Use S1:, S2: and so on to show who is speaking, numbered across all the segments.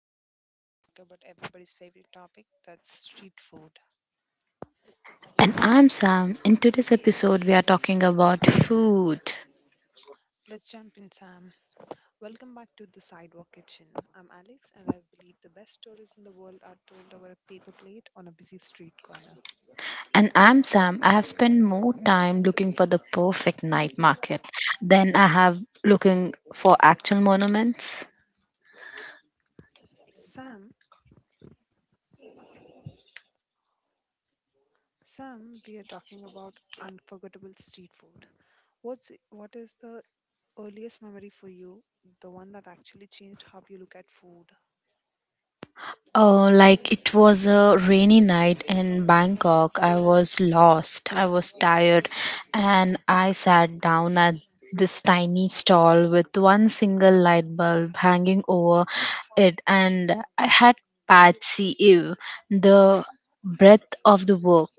S1: the show where we talk about everybody's favorite topic that's street food.
S2: And I'm Sam. In today's episode, we are talking about food.
S1: Let's jump in, Sam. Welcome back to the Sidewalk Kitchen. I'm Alex, and I believe the best stories in the world are told over a paper plate on a busy street corner.
S2: And I'm Sam. I have spent more time looking for the perfect night market than I have looking for actual monuments.
S1: Sam, Sam, we are talking about unforgettable street food. What is the earliest memory for you, the one that actually changed how you look at food?
S2: Like it was a rainy night in Bangkok. I was lost. I was tired. And I sat down at this tiny stall with one single light bulb hanging over it. And I had Patsy Eve, the breath of the work.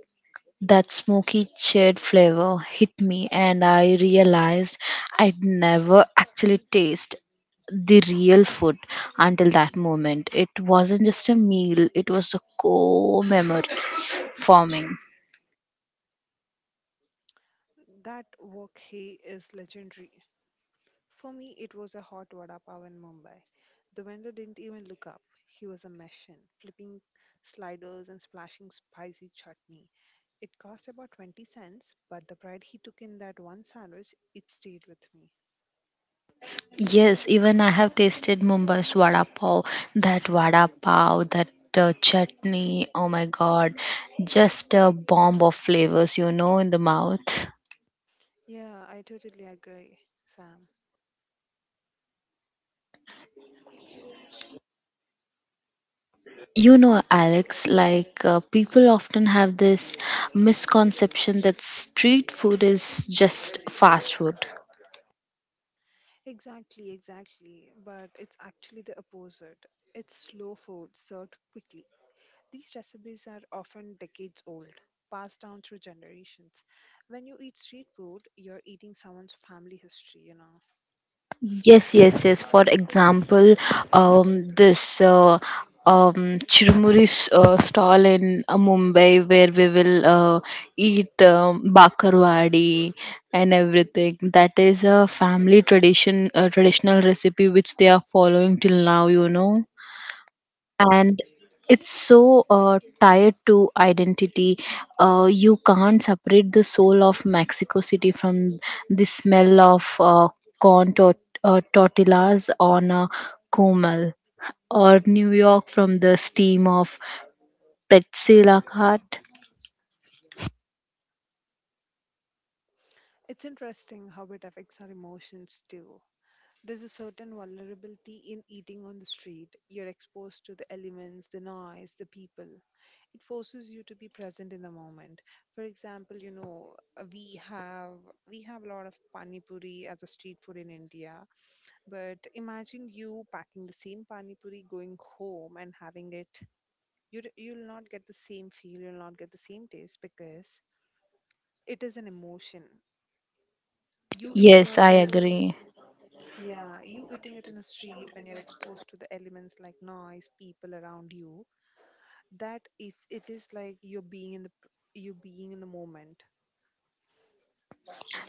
S2: That smoky chilled flavor hit me, and I realized I'd never actually taste the real food until that moment. It wasn't just a meal, it was a core memory forming.
S1: That wok hey is legendary. For me, it was a hot vada pav in Mumbai. The vendor didn't even look up. He was a machine, flipping sliders and splashing spicy chutney. It cost about 20 cents, but the pride he took in that one sandwich, it stayed with me.
S2: Yes, even I have tasted Mumbai's vada pav, that chutney. Oh my god, just a bomb of flavors, in the mouth.
S1: Yeah, I totally agree, Sam.
S2: You know, Alex, like people often have this misconception that street food is just fast food.
S1: Exactly, exactly. But it's actually the opposite. It's slow food served quickly. These recipes are often decades old, passed down through generations. When you eat street food, you're eating someone's family history.
S2: Yes, yes, yes. For example, this Chirumuri stall in Mumbai, where we will eat bakarwadi and everything. That is a family tradition, a traditional recipe which they are following till now. And it's so tied to identity. You can't separate the soul of Mexico City from the smell of corn tort- tortillas on a comal, or New York from the steam of pretzel cart.
S1: It's interesting how it affects our emotions too. There's a certain vulnerability in eating on the street. You're exposed to the elements, the noise, the people. It forces you to be present in the moment. For example, we have a lot of pani puri as a street food in India. But imagine you packing the same pani puri, going home and having it. You'll not get the same feel. You'll not get the same taste because it is an emotion. You yes, eating
S2: Yes,
S1: on
S2: I
S1: in a st-
S2: agree.
S1: yeah, you eating it in a street when you're exposed to the elements like noise, people around you. That is it is like you being in the moment.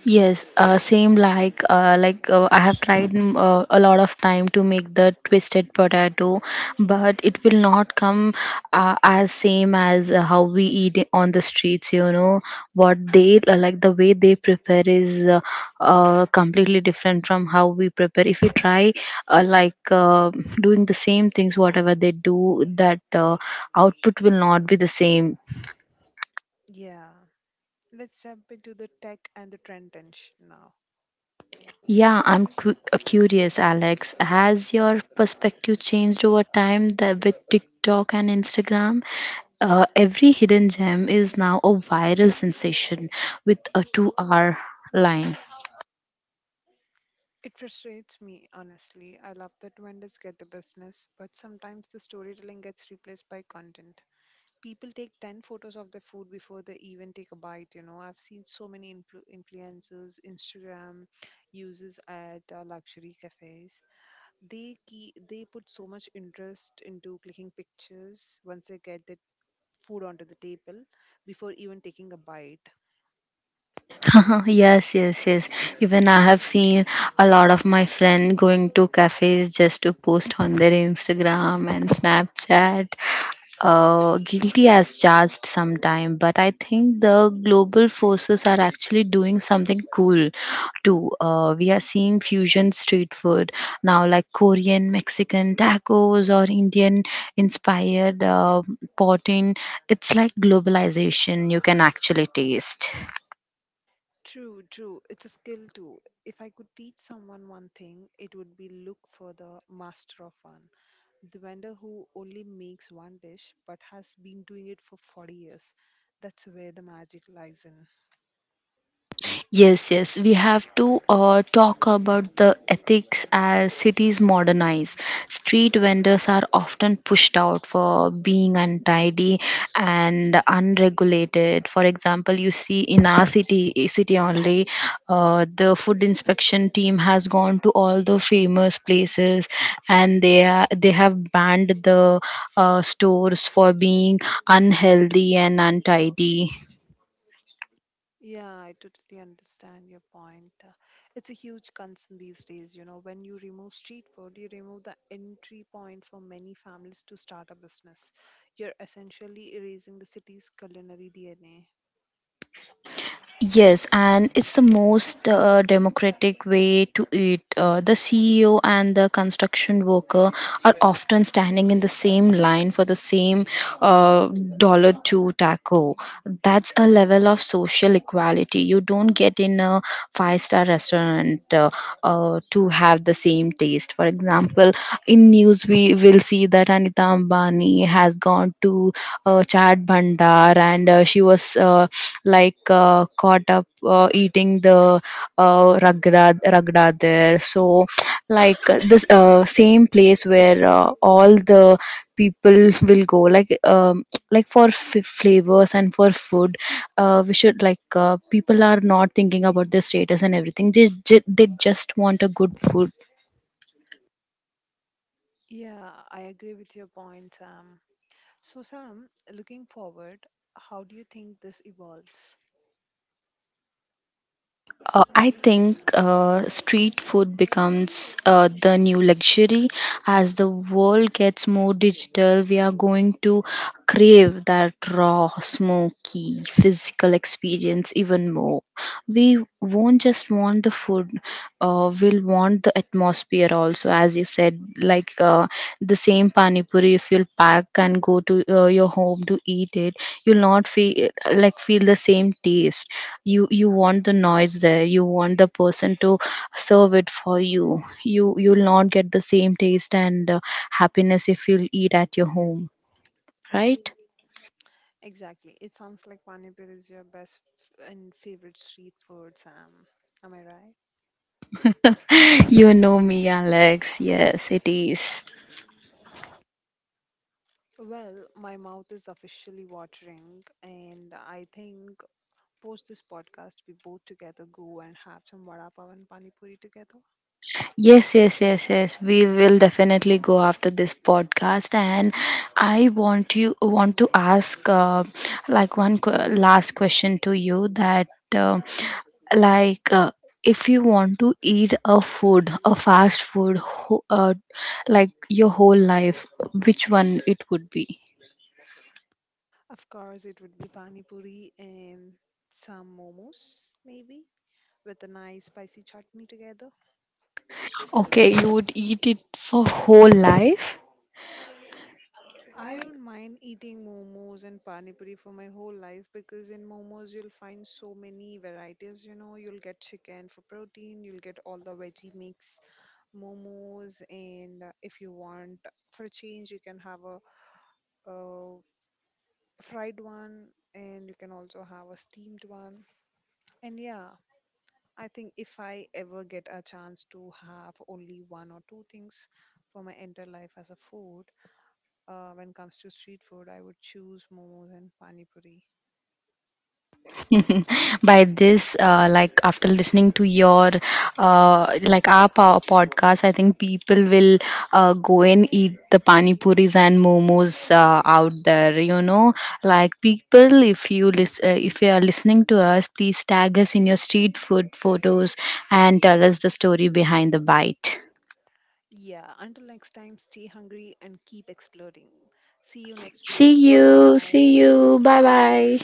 S2: Yes, same, like I have tried a lot of time to make the twisted potato, but it will not come as same as how we eat it on the streets. You know what they like, the way they prepare is completely different from how we prepare. If you try like doing the same things, whatever they do, that output will not be the same.
S1: Yeah. Let's jump into the tech and the trend tension now.
S2: Yeah, I'm curious, Alex. Has your perspective changed over time that with TikTok and Instagram? Every hidden gem is now a viral sensation with a 2-hour line.
S1: It frustrates me, honestly. I love that vendors get the business, but sometimes the storytelling gets replaced by content. People take 10 photos of their food before they even take a bite, you know. I've seen so many influencers, Instagram users at luxury cafes. They put so much interest into clicking pictures once they get the food onto the table before even taking a bite.
S2: Yes, yes, yes. Even I have seen a lot of my friend going to cafes just to post on their Instagram and Snapchat. Guilty as charged sometime, but I think the global forces are actually doing something cool too. We are seeing fusion street food now, like Korean, Mexican tacos, or Indian inspired poutine. It's like globalization you can actually taste.
S1: True, true. It's a skill too. If I could teach someone one thing, it would be look for the master of one. The vendor who only makes one dish but has been doing it for 40 years. That's where the magic lies in.
S2: Yes, yes, we have to talk about the ethics as cities modernize. Street vendors are often pushed out for being untidy and unregulated. For example, you see in our city only, the food inspection team has gone to all the famous places, and they have banned the stores for being unhealthy and untidy.
S1: Yeah, I totally understand your point. It's a huge concern these days. You know, when you remove street food, you remove the entry point for many families to start a business. You're essentially erasing the city's culinary DNA.
S2: Yes, and it's the most democratic way to eat. The CEO and the construction worker are often standing in the same line for the same uh, dollar to taco. That's a level of social equality you don't get in a five-star restaurant to have the same taste. For example, in news we will see that Anita Ambani has gone to Chat Bhandar, and she was caught up eating the ragda there. So, like this same place, where all the people will go, like, like, for flavors and for food, we should, like, people are not thinking about their status and everything, they just want a good food.
S1: Yeah, I agree with your point, Sam. So, Sam, looking forward, how do you think this evolves?
S2: I think street food becomes the new luxury. As the world gets more digital, we are going to crave that raw, smoky, physical experience even more. We won't just want the food, we'll want the atmosphere also. As you said, like the same pani puri, if you'll pack and go to your home to eat it, you'll not feel feel the same taste. You want the noise there, you want the person to serve it for you. You'll not get the same taste and happiness if you'll eat at your home, right?
S1: Exactly. It sounds like Panipur is your best f- and favorite street food, Sam. Am I right?
S2: You know me, Alex. Yes, it is.
S1: Well, my mouth is officially watering, and I think post this podcast, we both together go and have some vada pav and pani puri together.
S2: Yes, yes, yes, yes. We will definitely go after this podcast, and I want you want to ask like one last question to you, that uh, like if you want to eat a food, a fast food, like, your whole life, which one it would be?
S1: Of course, it would be pani puri and some momos, maybe, with a nice spicy chutney together.
S2: Okay, you would eat it for whole life.
S1: I don't mind eating momos and pani puri for my whole life because in momos you'll find so many varieties. You know, you'll get chicken for protein, you'll get all the veggie mix momos, and if you want for a change, you can have a fried one and you can also have a steamed one. And yeah, I think if I ever get a chance to have only one or two things for my entire life as a food, when it comes to street food, I would choose momos and pani puri.
S2: By this, like, after listening to your like, our podcast, I think people will go and eat the pani puris and momos out there. Like, people, if you if you are listening to us, please tag us in your street food photos and tell us the story behind the bite.
S1: Yeah, until next time, stay hungry and keep exploding. See you next week.
S2: See
S1: Bye
S2: you, see
S1: bye.
S2: you. Bye bye.